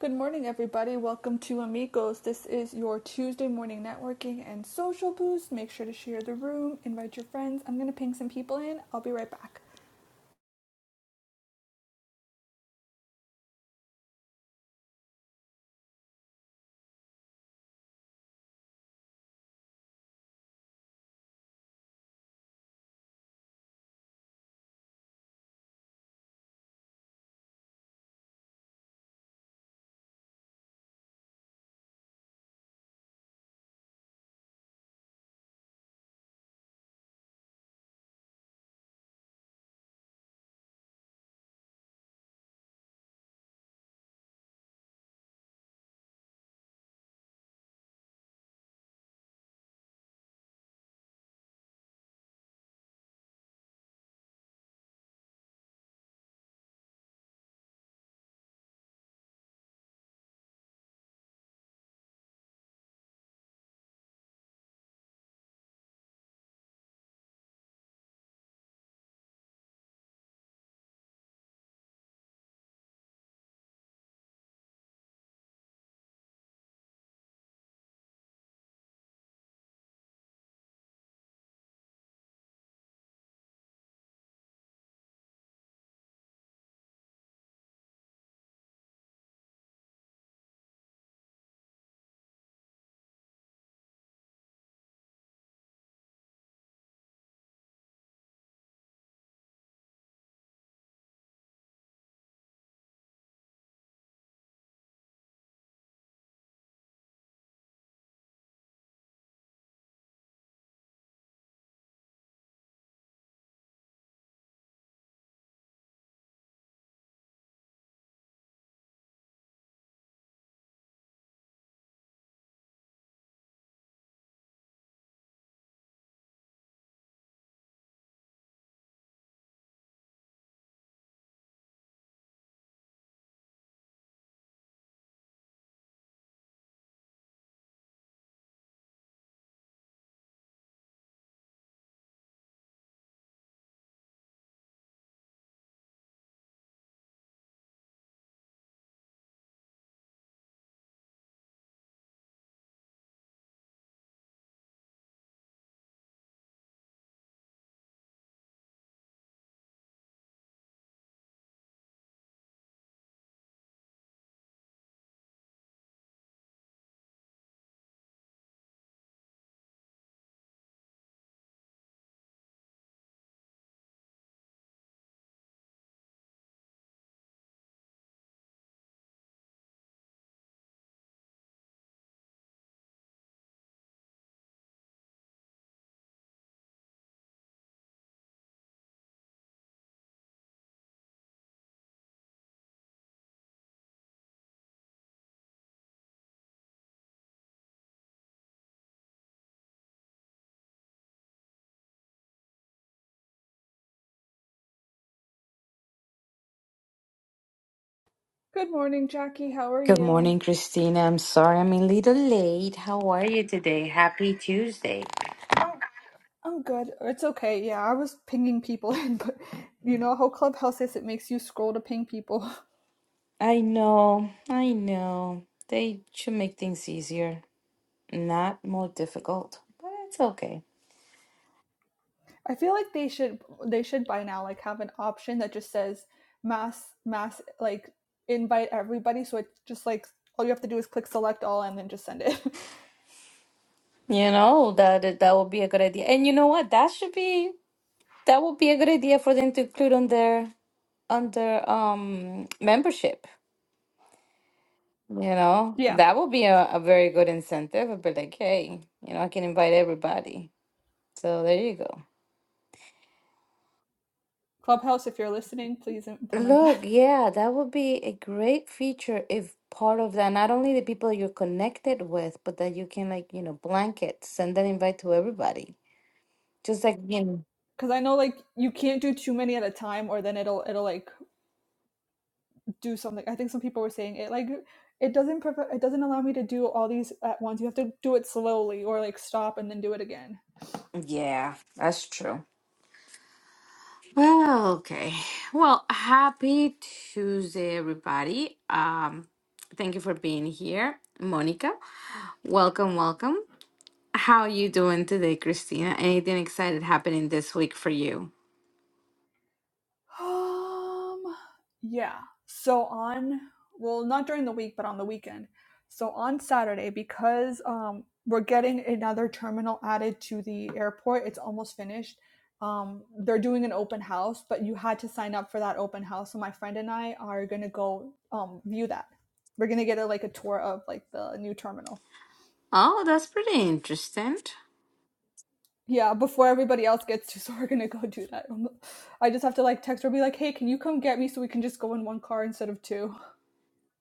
Good morning, everybody. Welcome to Amigos. This is your Tuesday morning networking and social boost. Make sure to share the room, invite your friends. I'm going to ping some people in. I'll be right back. Good morning, Jackie. How are Good you? morning, Christina. I'm sorry I'm a little late. How are you today? Happy Tuesday. I'm good. It's okay. Yeah, I was pinging people in, but you know how Clubhouse is, it makes you scroll to ping people. I know, I know. They should make things easier, not more difficult, but it's okay. I feel like they should they should by now like have an option that just says mass mass like invite everybody so it just like all you have to do is click select all and then just send it. You know, that that would be a good idea. And you know what? That should be that would be a good idea for them to include on their on their um membership. You know, yeah. that would be a, a very good incentive. I'd be like, hey, you know, I can invite everybody. So there you go. Clubhouse, if you're listening, please implement that. Look, yeah, that would be a great feature if part of that, not only the people you're connected with, but that you can like, you know, blanket, send an invite to everybody. Just like, you know. Cause I know like you can't do too many at a time or then it'll it'll like do something. I think some people were saying it like it doesn't prov- it doesn't allow me to do all these at once. You have to do it slowly or like stop and then do it again. Yeah, that's true. Well, okay. Well, happy Tuesday, everybody. Um, thank you for being here, Monica. Welcome, welcome. How are you doing today, Christina? Anything excited happening this week for you? Um, yeah. So on, well, not during the week, but on the weekend. So on Saturday, because um, we're getting another terminal added to the airport, it's almost finished. Um, they're doing an open house, but you had to sign up for that open house. So my friend and I are gonna go um, view that. We're gonna get a, like a tour of like the new terminal. Oh, that's pretty interesting. Yeah, before everybody else gets to, so we're gonna go do that. Um, I just have to like text her, be like, "Hey, can you come get me so we can just go in one car instead of two?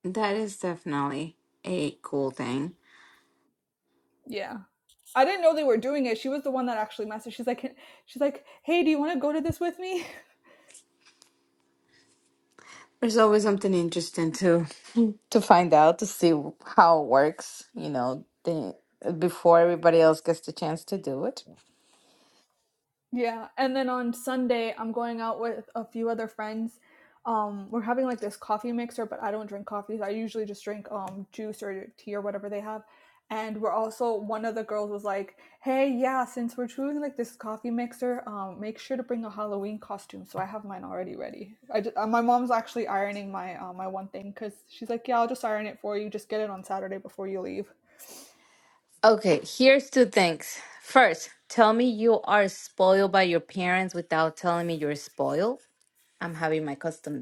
That is definitely a cool thing. Yeah. I didn't know they were doing it. She was the one that actually messaged. She's like, she's like, hey, do you want to go to this with me? There's always something interesting to to find out to see how it works, you know, the, before everybody else gets the chance to do it. Yeah, and then on Sunday I'm going out with a few other friends. Um, we're having like this coffee mixer, but I don't drink coffees. I usually just drink um juice or tea or whatever they have. And we're also one of the girls was like, "Hey, yeah, since we're doing like this coffee mixer, um, make sure to bring a Halloween costume." So I have mine already ready. I ju- uh, my mom's actually ironing my uh, my one thing because she's like, "Yeah, I'll just iron it for you. Just get it on Saturday before you leave." Okay, here's two things. First, tell me you are spoiled by your parents without telling me you're spoiled. I'm having my custom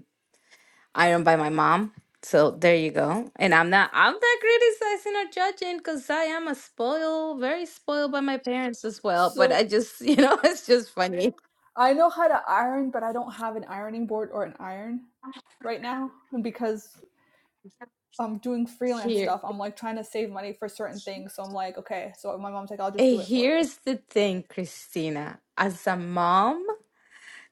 iron by my mom. So there you go. And I'm not I'm not criticizing or judging because I am a spoiled, very spoiled by my parents as well. But So I just, you know, it's just funny. I know how to iron, but I don't have an ironing board or an iron right now. And because I'm doing freelance Here stuff, I'm like trying to save money for certain things. So I'm like, okay, so my mom's like, I'll just eh, do it for you. here's the thing, Christina. As a mom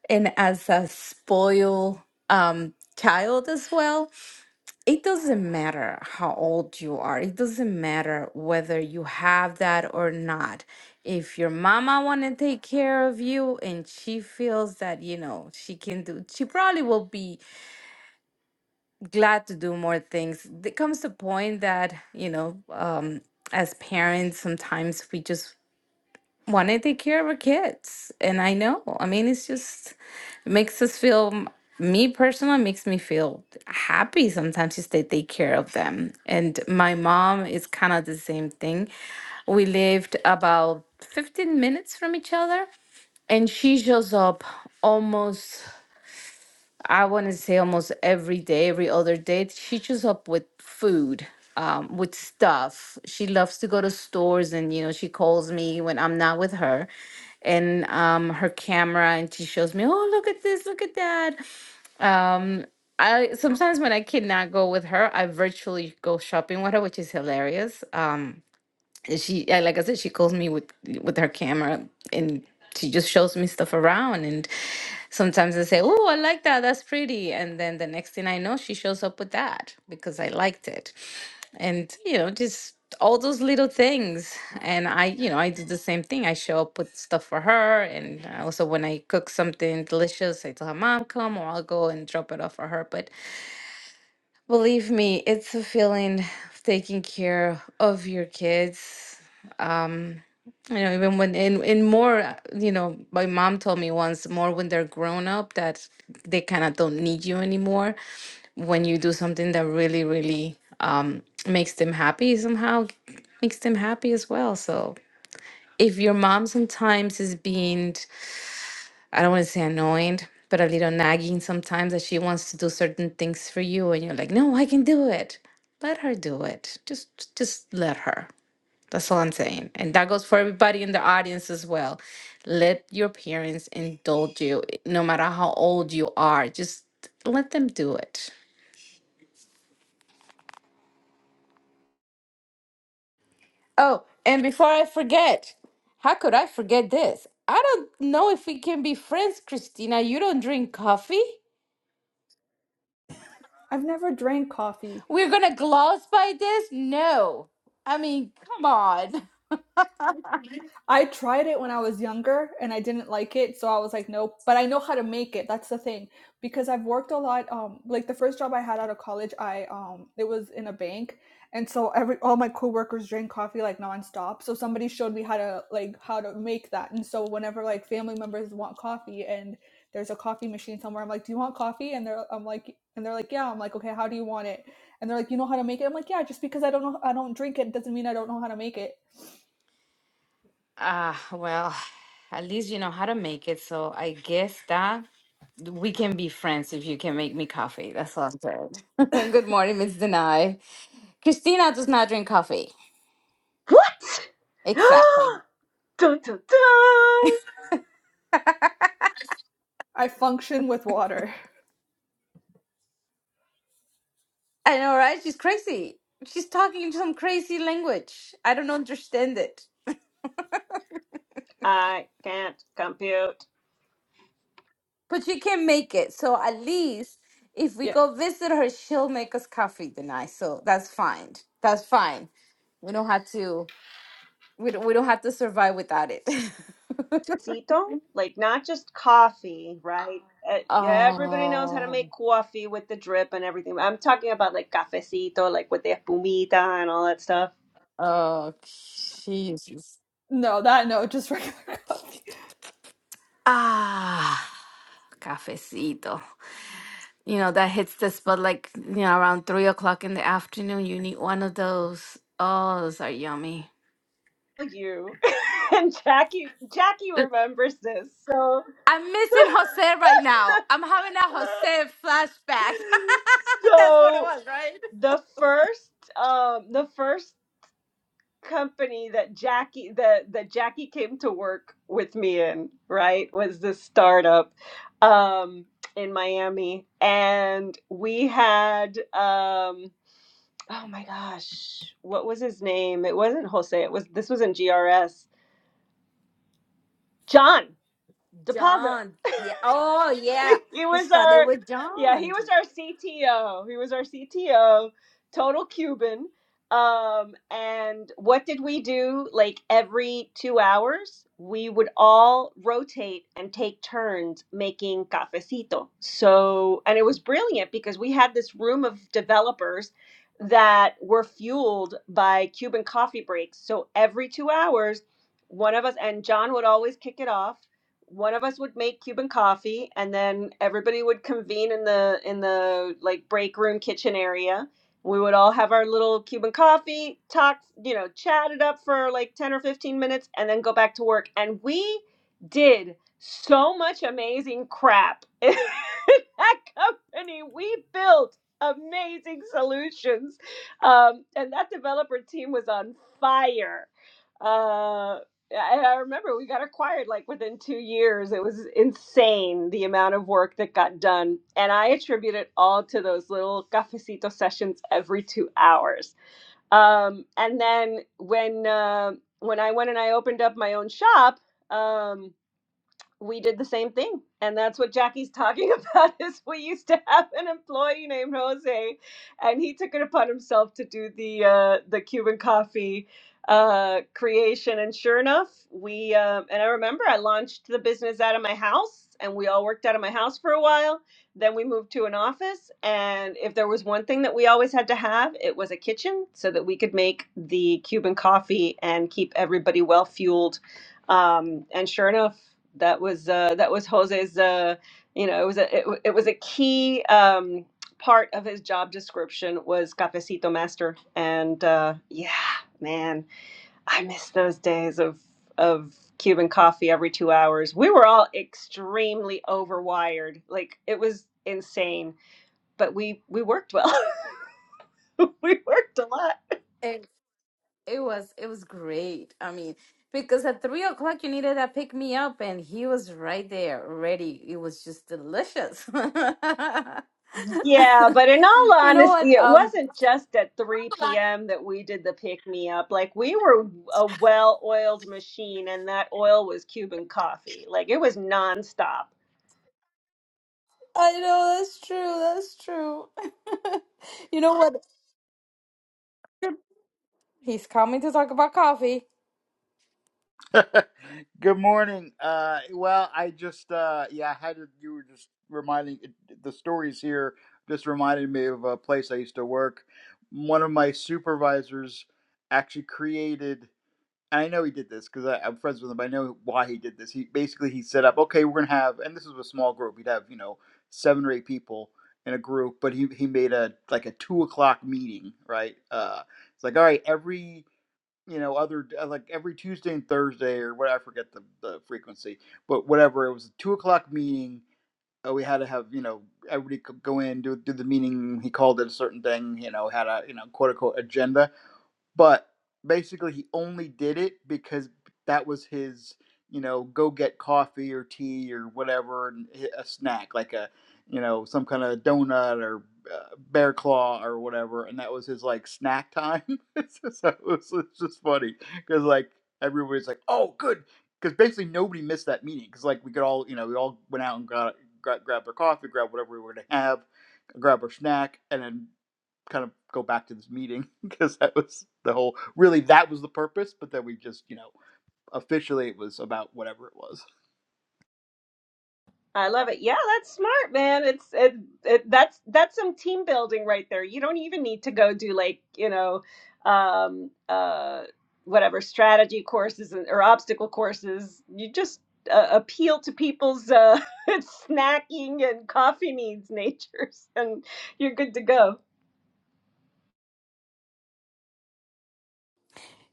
and as a spoiled um child as well, it doesn't matter how old you are. It doesn't matter whether you have that or not. If your mama want to take care of you and she feels that, you know, she can do, she probably will be glad to do more things. There comes a point that, you know, um, as parents, sometimes we just want to take care of our kids. And I know, I mean, it's just, it makes us feel, me personally, makes me feel happy sometimes just that they take care of them. And my mom is kind of the same thing. We lived about 15 minutes from each other, and she shows up almost. I want to say almost every day, every other day, she shows up with food, um, with stuff. She loves to go to stores and, you know, she calls me when I'm not with her and um, her camera and she shows me, oh, look at this, look at that. Um, I sometimes when I cannot go with her, I virtually go shopping with her, which is hilarious. Um, and she, yeah, like I said, she calls me with with her camera, and she just shows me stuff around. And sometimes I say, "Oh, I like that. That's pretty." And then the next thing I know, she shows up with that because I liked it. And you know, just all those little things. And I, you know, I do the same thing. I show up with stuff for her, and I also when I cook something delicious, I tell her, "Mom, come," or I'll go and drop it off for her. But believe me, it's a feeling of taking care of your kids you know, even when and and more, uh, you know, my mom told me once more when they're grown up that they kind of don't need you anymore when you do something that really, really um makes them happy somehow makes them happy as well. So if your mom sometimes is being, I don't want to say annoyed, but a little nagging sometimes that she wants to do certain things for you and you're like, no, I can do it. Let her do it. Just just let her. That's all I'm saying. And that goes for everybody in the audience as well. Let your parents indulge you, no matter how old you are. Just let them do it. Oh, and before I forget, how could I forget this? I don't know if we can be friends, Christina. You don't drink coffee? I've never drank coffee. We're gonna gloss by this? No. I mean, come on. I tried it when I was younger and I didn't like it, so I was like, nope. But I know how to make it. That's the thing because I've worked a lot. Um, like the first job I had out of college, I um, it was in a bank, and so every all my coworkers drank coffee like nonstop. So somebody showed me how to like how to make that, and so whenever like family members want coffee and there's a coffee machine somewhere, I'm like, do you want coffee? And they're I'm like, and they're like, yeah. I'm like, okay, how do you want it? And they're like, you know how to make it? I'm like, yeah. Just because I don't know, I don't drink it doesn't mean I don't know how to make it. Ah, well, at least you know how to make it. So I guess that we can be friends if you can make me coffee. That's all I'm saying. Good morning, Miss Denai. Christina does not drink coffee. What? Exactly. dun, dun, dun. I function with water. I know, right? She's crazy. She's talking some crazy language. I don't understand it. I can't compute. But she can make it. So at least if we Yeah. go visit her, she'll make us coffee, Denai. So that's fine. That's fine. We don't have to. We don't, we don't have to survive without it. Cito, like not just coffee, right? Uh, yeah, Everybody knows how to make oh, coffee with the drip and everything. I'm talking about like cafecito, like with the espumita and all that stuff. oh, Jesus. No, that no, just regular cup. Ah, cafecito. You know, that hits the spot like, you know, around three o'clock in the afternoon. You need one of those. Oh, those are yummy. You and Jackie, Jackie remembers this. So, I'm missing Jose right now. I'm having a Jose flashback. That's what it so was, right? the first, um, the first company that Jackie that that Jackie came to work with me in, right? Was this startup um in Miami and we had um oh my gosh, what was his name? It wasn't Jose, it was this was in GRS. John DePazzo. John. Yeah. Oh, yeah. he It was started our with yeah John. he was our cto he was our cto total cuban um and what did we do like every two hours we would all rotate and take turns making cafecito so and it was brilliant because we had this room of developers that were fueled by cuban coffee breaks so every two hours one of us and john would always kick it off one of us would make Cuban coffee and then everybody would convene in the in the like break room kitchen area. We would all have our little Cuban coffee, talk, you know, chat it up for like 10 or 15 minutes and then go back to work. And we did so much amazing crap in that company. We built amazing solutions. Um, and that developer team was on fire Uh, I I remember we got acquired like within two years. It was insane the amount of work that got done. And I attribute it all to those little cafecito sessions every two hours. Um, and then when uh, when I went and I opened up my own shop, um, we did the same thing. And that's what Jackie's talking about is we used to have an employee named Jose and he took it upon himself to do the uh the Cuban coffee uh creation and sure enough we um and I remember I launched the business out of my house and we all worked out of my house for a while. Then we moved to an office and if there was one thing that we always had to have, it was a kitchen so that we could make the Cuban coffee and keep everybody well fueled um, and sure enough, that was uh, that was Jose's. Uh, you know, it was a it, wa- it was a key um, part of his job description was cafecito master, and uh, yeah, man, I miss those days of of Cuban coffee every two hours. We were all extremely overwired, like it was insane, but we we worked well. we worked a lot It was it was great. I mean, because at three o'clock you needed that pick me up, and he was right there, ready. It was just delicious. Yeah, but in all You know what? honesty, it Um, wasn't just at 3 p.m. that we did the pick me up. Like, we were a well oiled machine, and that oil was Cuban coffee. Like, it was nonstop. I know that's true. That's true. You know what? He's coming to talk about coffee. Good morning. Uh, well, I just uh, yeah, I had to, you were just reminding the stories here just reminded me of a place I used to work. One of my supervisors actually created, and I know he did this because I'm friends with him. But I know why he did this. He basically he set up, okay, we're gonna have, and this was a small group. He'd have you know seven or eight people in a group, but he he made a like a two o'clock meeting, right? Uh, it's like all right, every you know other uh, like every Tuesday and Thursday or what I forget the, the frequency, but whatever it was a two o'clock meeting. Uh, we had to have you know everybody could go in do do the meeting. He called it a certain thing. You know had a you know quote unquote agenda, but basically he only did it because that was his you know go get coffee or tea or whatever and a snack like a you know some kind of donut or uh, bear claw or whatever and that was his like snack time so so it was, it's just funny because like everybody's like oh good because basically nobody missed that meeting because like we could all you know we all went out and got, got grabbed our coffee grabbed whatever we were going to have grab our snack, and then kind of go back to this meeting because that was the whole really that was the purpose but then we just you know officially it was about whatever it was I love it. Yeah, that's smart, man. It's it, it that's that's some team building right there. You don't even need to go do like, you know, um uh whatever strategy courses and- or obstacle courses. You just uh, appeal to people's uh snacking and coffee needs natures and you're good to go.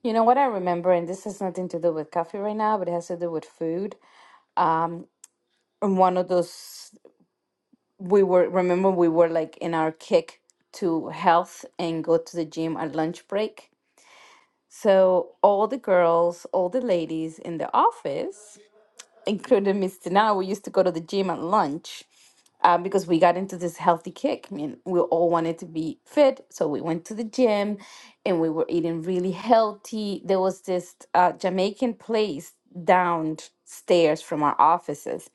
You know what I remember, and this has nothing to do with coffee right now, but it has to do with food. And one of those. we were remember we were like in our kick to health and go to the gym at lunch break. So all the girls, all the ladies in the office, including Miss Tina, we used to go to the gym at lunch uh, because we got into this healthy kick. I mean, we all wanted to be fit, so we went to the gym, and we were eating really healthy. There was this uh, Jamaican place downstairs from our offices,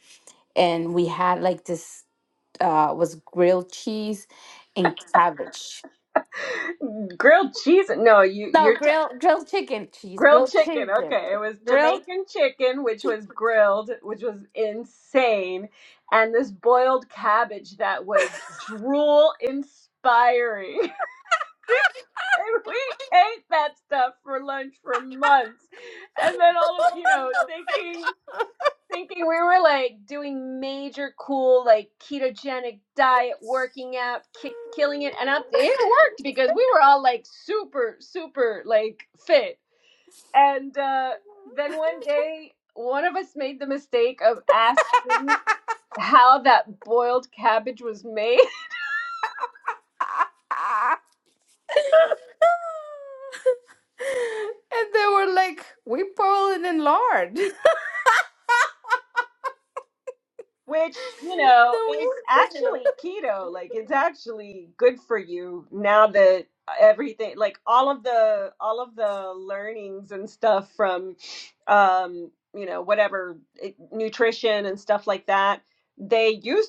and we had like this uh, was grilled cheese and cabbage. Grilled cheese. No, you No, you're grilled grilled chicken cheese, Grilled grilled chicken. chicken, Okay. It was grilled. Jamaican chicken, which chicken. was grilled, which was insane. And this boiled cabbage that was drool inspiring. And we ate that stuff for lunch for months. And then all of, you know, thinking thinking we were like doing major cool like ketogenic diet, working out, ki- killing it. And I, it worked because we were all like super super like fit. And uh, then one day, one of us made the mistake of asking how that boiled cabbage was made, and they were like, "We Poland and lard." which, you know, is no. actually keto. Like, it's actually good for you now that everything like all of the all of the learnings and stuff from um you know whatever it, nutrition and stuff like that they used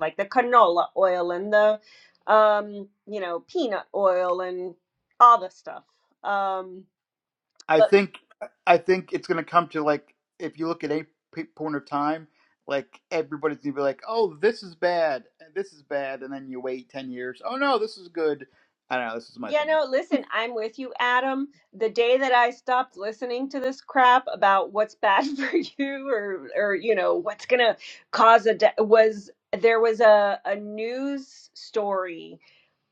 like the canola oil and the um you know peanut oil and all the stuff um i but think i think it's going to come to like if you look at any point of time like everybody's going to be like oh this is bad and this is bad and then you wait 10 years oh no this is good i don't know this is my yeah opinion no listen i'm with you adam the day that i stopped listening to this crap about what's bad for you or or you know what's gonna cause a de- was there was a, a news story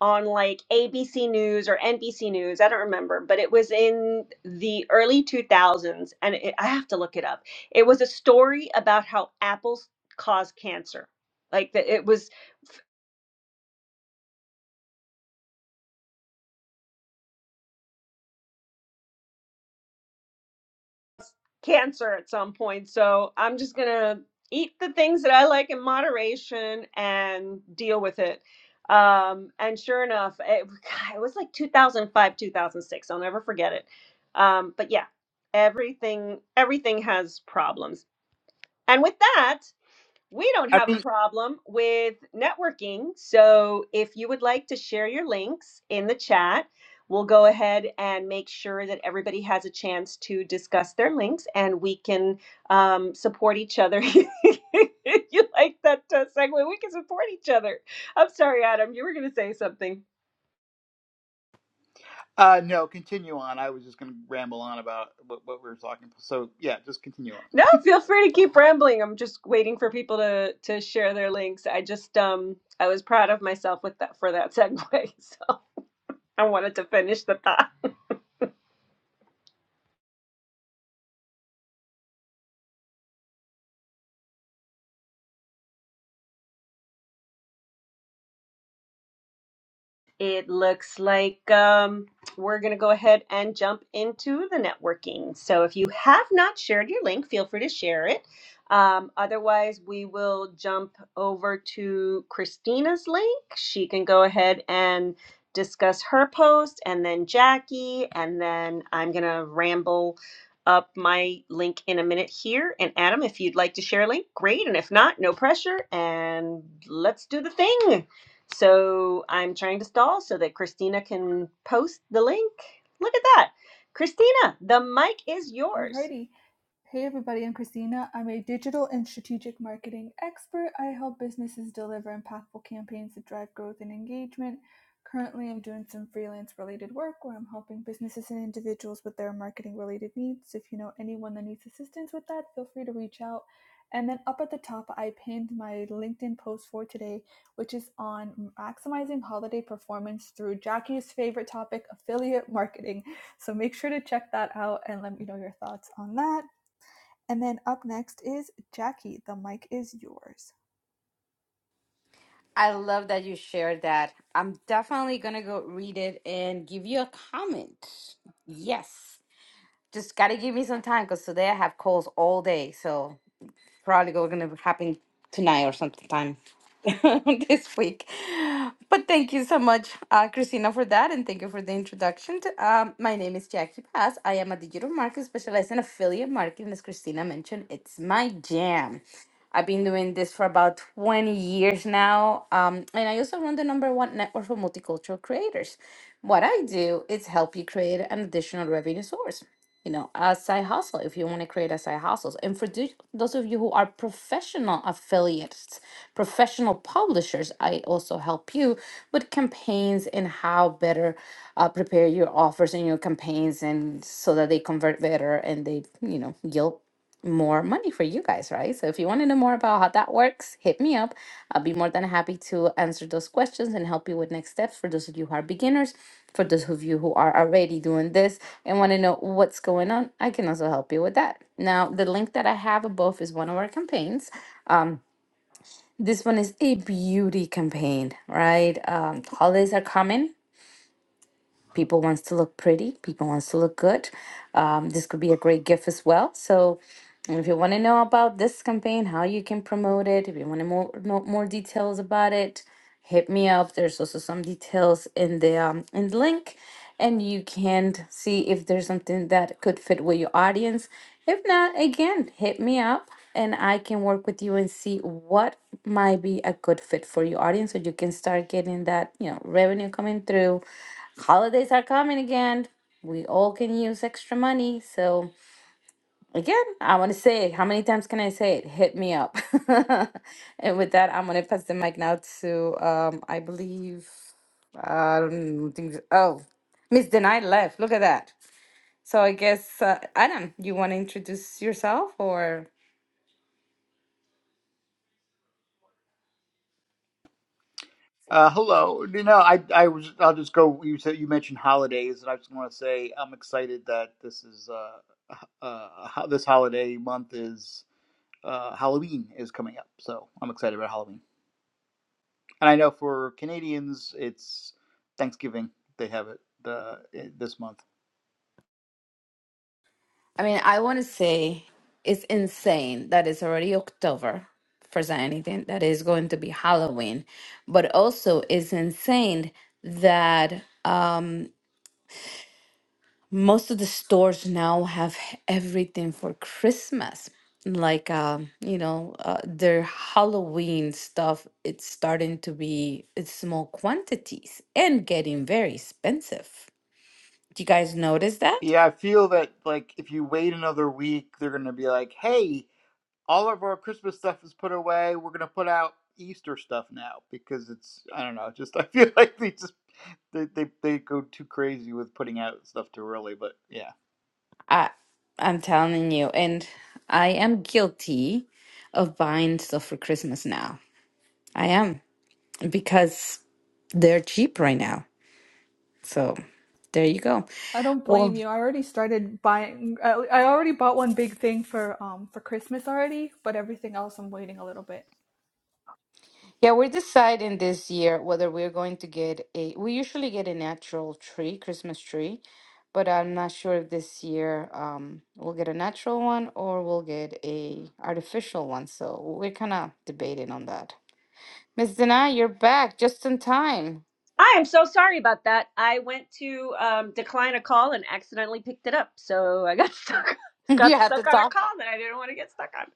on like ABC News or NBC News. I don't remember, but it was in the early 2000s. And it, I have to look it up. It was a story about how apples cause cancer. Like that it was cancer at some point. So I'm just going to eat the things that I like in moderation and deal with it. Um, and sure enough, it, it was like 2005, 2006. I'll never forget it. Um, but yeah, everything everything has problems And with that, we don't i have a mean problem with networking. So if you would like to share your links in the chat, we'll go ahead and make sure that everybody has a chance to discuss their links and we can um, support each other. you like that uh, segue? We can support each other. I'm sorry, Adam, you were going to say something. uh no continue on i was just going to ramble on about what, what we were talking about. so yeah just continue on No, feel free to keep rambling. I'm just waiting for people to to share their links. I just um I was proud of myself with that for that segue. I wanted to finish the thought. It looks like um, we're going to go ahead and jump into the networking. So if you have not shared your link, feel free to share it. Um, otherwise, we will jump over to Christina's link. She can go ahead and discuss her post, and then Jackie, and then I'm going to ramble up my link in a minute here. And Adam, if you'd like to share a link, great. And if not, no pressure. And let's do the thing. So I'm trying to stall so that Christina can post the link. Look at that. Christina, the mic is yours. Alrighty. Hey everybody, I'm Christina. I'm a digital and strategic marketing expert. I help businesses deliver impactful campaigns that drive growth and engagement. Currently, I'm doing some freelance related work where I'm helping businesses and individuals with their marketing related needs. So if you know anyone that needs assistance with that, feel free to reach out. And then up at the top, I pinned my LinkedIn post for today, which is on maximizing holiday performance through Jackie's favorite topic, affiliate marketing. So make sure to check that out and let me know your thoughts on that. And then up next is Jackie. The mic is yours. I love that you shared that. I'm definitely going to go read it and give you a comment. Yes. Just got to give me some time because today I have calls all day. So probably go- gonna happen tonight or sometime this week. But thank you so much, uh, Christina, for that, and thank you for the introduction. um, my name is Jackie Paz. I am a digital marketer specialized in affiliate marketing. As Christina mentioned, it's my jam. I've been doing this for about 20 years now. Um, and I also run the number one network for multicultural creators. What I do is help you create an additional revenue source you know, a side hustle if you want to create a side hustles. And for tho- those of you who are professional affiliates, professional publishers, I also help you with campaigns and how better uh, prepare your offers and your campaigns and so that they convert better and they, you know, yield more money for you guys, right? So if you want to know more about how that works, hit me up. I'll be more than happy to answer those questions and help you with next steps for those of you who are beginners, for those of you who are already doing this and want to know what's going on, I can also help you with that. Now, the link that I have above is one of our campaigns. This one is a beauty campaign, right? Um, holidays are coming people wants to look pretty people wants to look good um, this could be a great gift as well so and if you want to know about this campaign how you can promote it if you want to more know more details about it hit me up. There's also some details in the um, in the link, and you can see if there's something that could fit with your audience. If not, again, hit me up, and I can work with you and see what might be a good fit for your audience, so you can start getting that you know revenue coming through. Holidays are coming again. We all can use extra money, so Again, I want to say it. How many times can I say it? Hit me up. And with that, I'm going to pass the mic now to, um, I believe, I don't think, so, oh, Miss Denai left. Look at that. So I guess, uh, Adam, you want to introduce yourself or? Uh, hello. You know, I I was I'll just go. You said you mentioned holidays, and I just want to say I'm excited that this is uh uh ho- this holiday month is uh Halloween is coming up, so I'm excited about Halloween. And I know for Canadians, it's Thanksgiving. They have it uh, this month. I mean, I want to say it's insane that it's already October. First than anything, that is going to be Halloween, but also it's insane that. most of the stores now have everything for Christmas. Like, um, you know, uh, their Halloween stuff, it's starting to be in small quantities and getting very expensive. Do you guys notice that? Yeah, I feel that like if you wait another week, they're gonna be like, "Hey, all of our Christmas stuff is put away. We're gonna put out Easter stuff now because it's I don't know. Just I feel like they just they they, they go too crazy with putting out stuff too early. But yeah, I, I'm telling you, and I am guilty of buying stuff for Christmas now. I am because they're cheap right now. So there you go. I don't Well, blame you. I already started buying. I, I already bought one big thing for um for Christmas already, but everything else I'm waiting a little bit. Yeah, we're deciding this year whether we're going to get a. We usually get a natural tree, Christmas tree, but I'm not sure if this year um, we'll get a natural one or we'll get a artificial one. So we're kind of debating on that. Miss Dana, you're back just in time. I am so sorry about that. I went to um, decline a call and accidentally picked it up. So I got stuck you got had to stuck on a talk, call that I didn't want to get stuck on.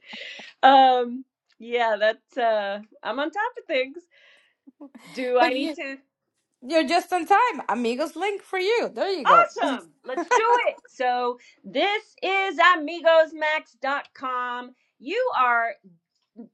Um yeah, that's uh I'm on top of things. Do I but need you to you're just in time. Amigos link for you. There you go. Awesome. Let's do it. So this is amigosmax.com. You are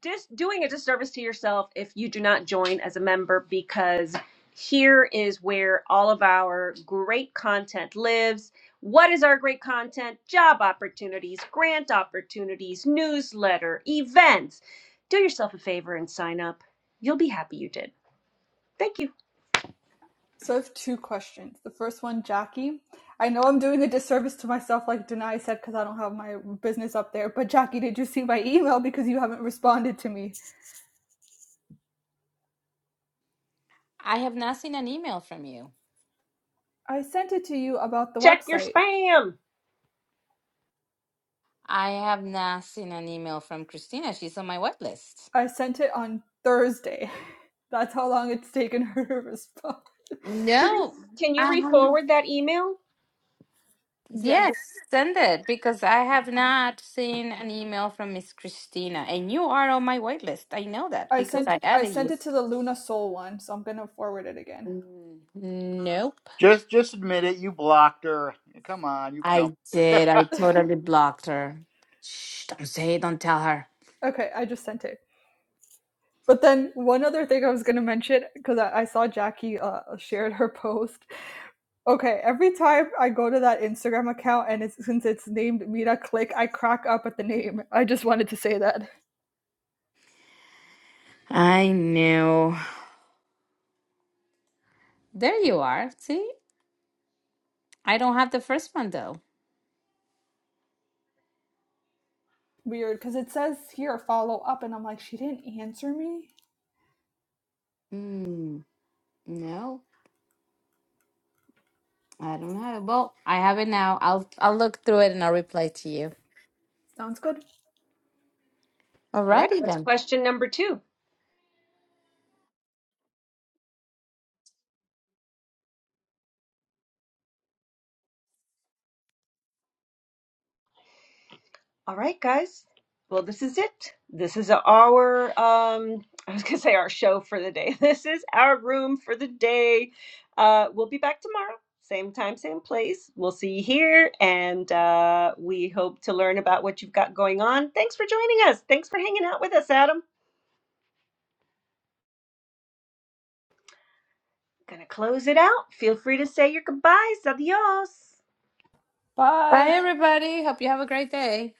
just doing a disservice to yourself if you do not join as a member because here is where all of our great content lives. What is our great content? Job opportunities, grant opportunities, newsletter, events. Do yourself a favor and sign up. You'll be happy you did. Thank you. So I have two questions. The first one, Jackie. I know I'm doing a disservice to myself, like Denai said, because I don't have my business up there. But Jackie, did you see my email? Because you haven't responded to me. I have not seen an email from you. I sent it to you about the Check your website. spam. I have not seen an email from Christina. She's on my wet list. I sent it on Thursday. That's how long it's taken her to respond. You re- No, Can I you re haven't. forward that email? yes. Yes, send it because I have not seen an email from Miss Christina, and you are on my wait list. I know that I because sent I I added you. sent it to the Luna Soul one, so I'm gonna forward it again. Mm, Nope, just just admit it. You blocked her. Come on, you no. I did. I totally blocked her. Shh, don't say it, don't tell her. Okay, I just sent it. But then one other thing I was gonna mention because I, I saw Jackie uh, shared her post. Okay, every time I go to that Instagram account and it's since it's named Mira Click, I crack up at the name. I just wanted to say that I know. There you are. See, I don't have the first one though. weird because it says here follow up, and I'm like, she didn't answer me. Mm, no, I don't have it. Well, I have it now. I'll I'll look through it and I'll reply to you. Sounds good. All right, Alrighty what's then. question number two? All right, guys. Well, this is it. This is our um I was going to say our show for the day. This is our room for the day. Uh we'll be back tomorrow. Same time, same place. We'll see you here and uh we hope to learn about what you've got going on. Thanks for joining us. Thanks for hanging out with us, Adam. Going to close it out. Feel free to say your goodbyes. Adios. Bye, Bye. everybody. Hope you have a great day.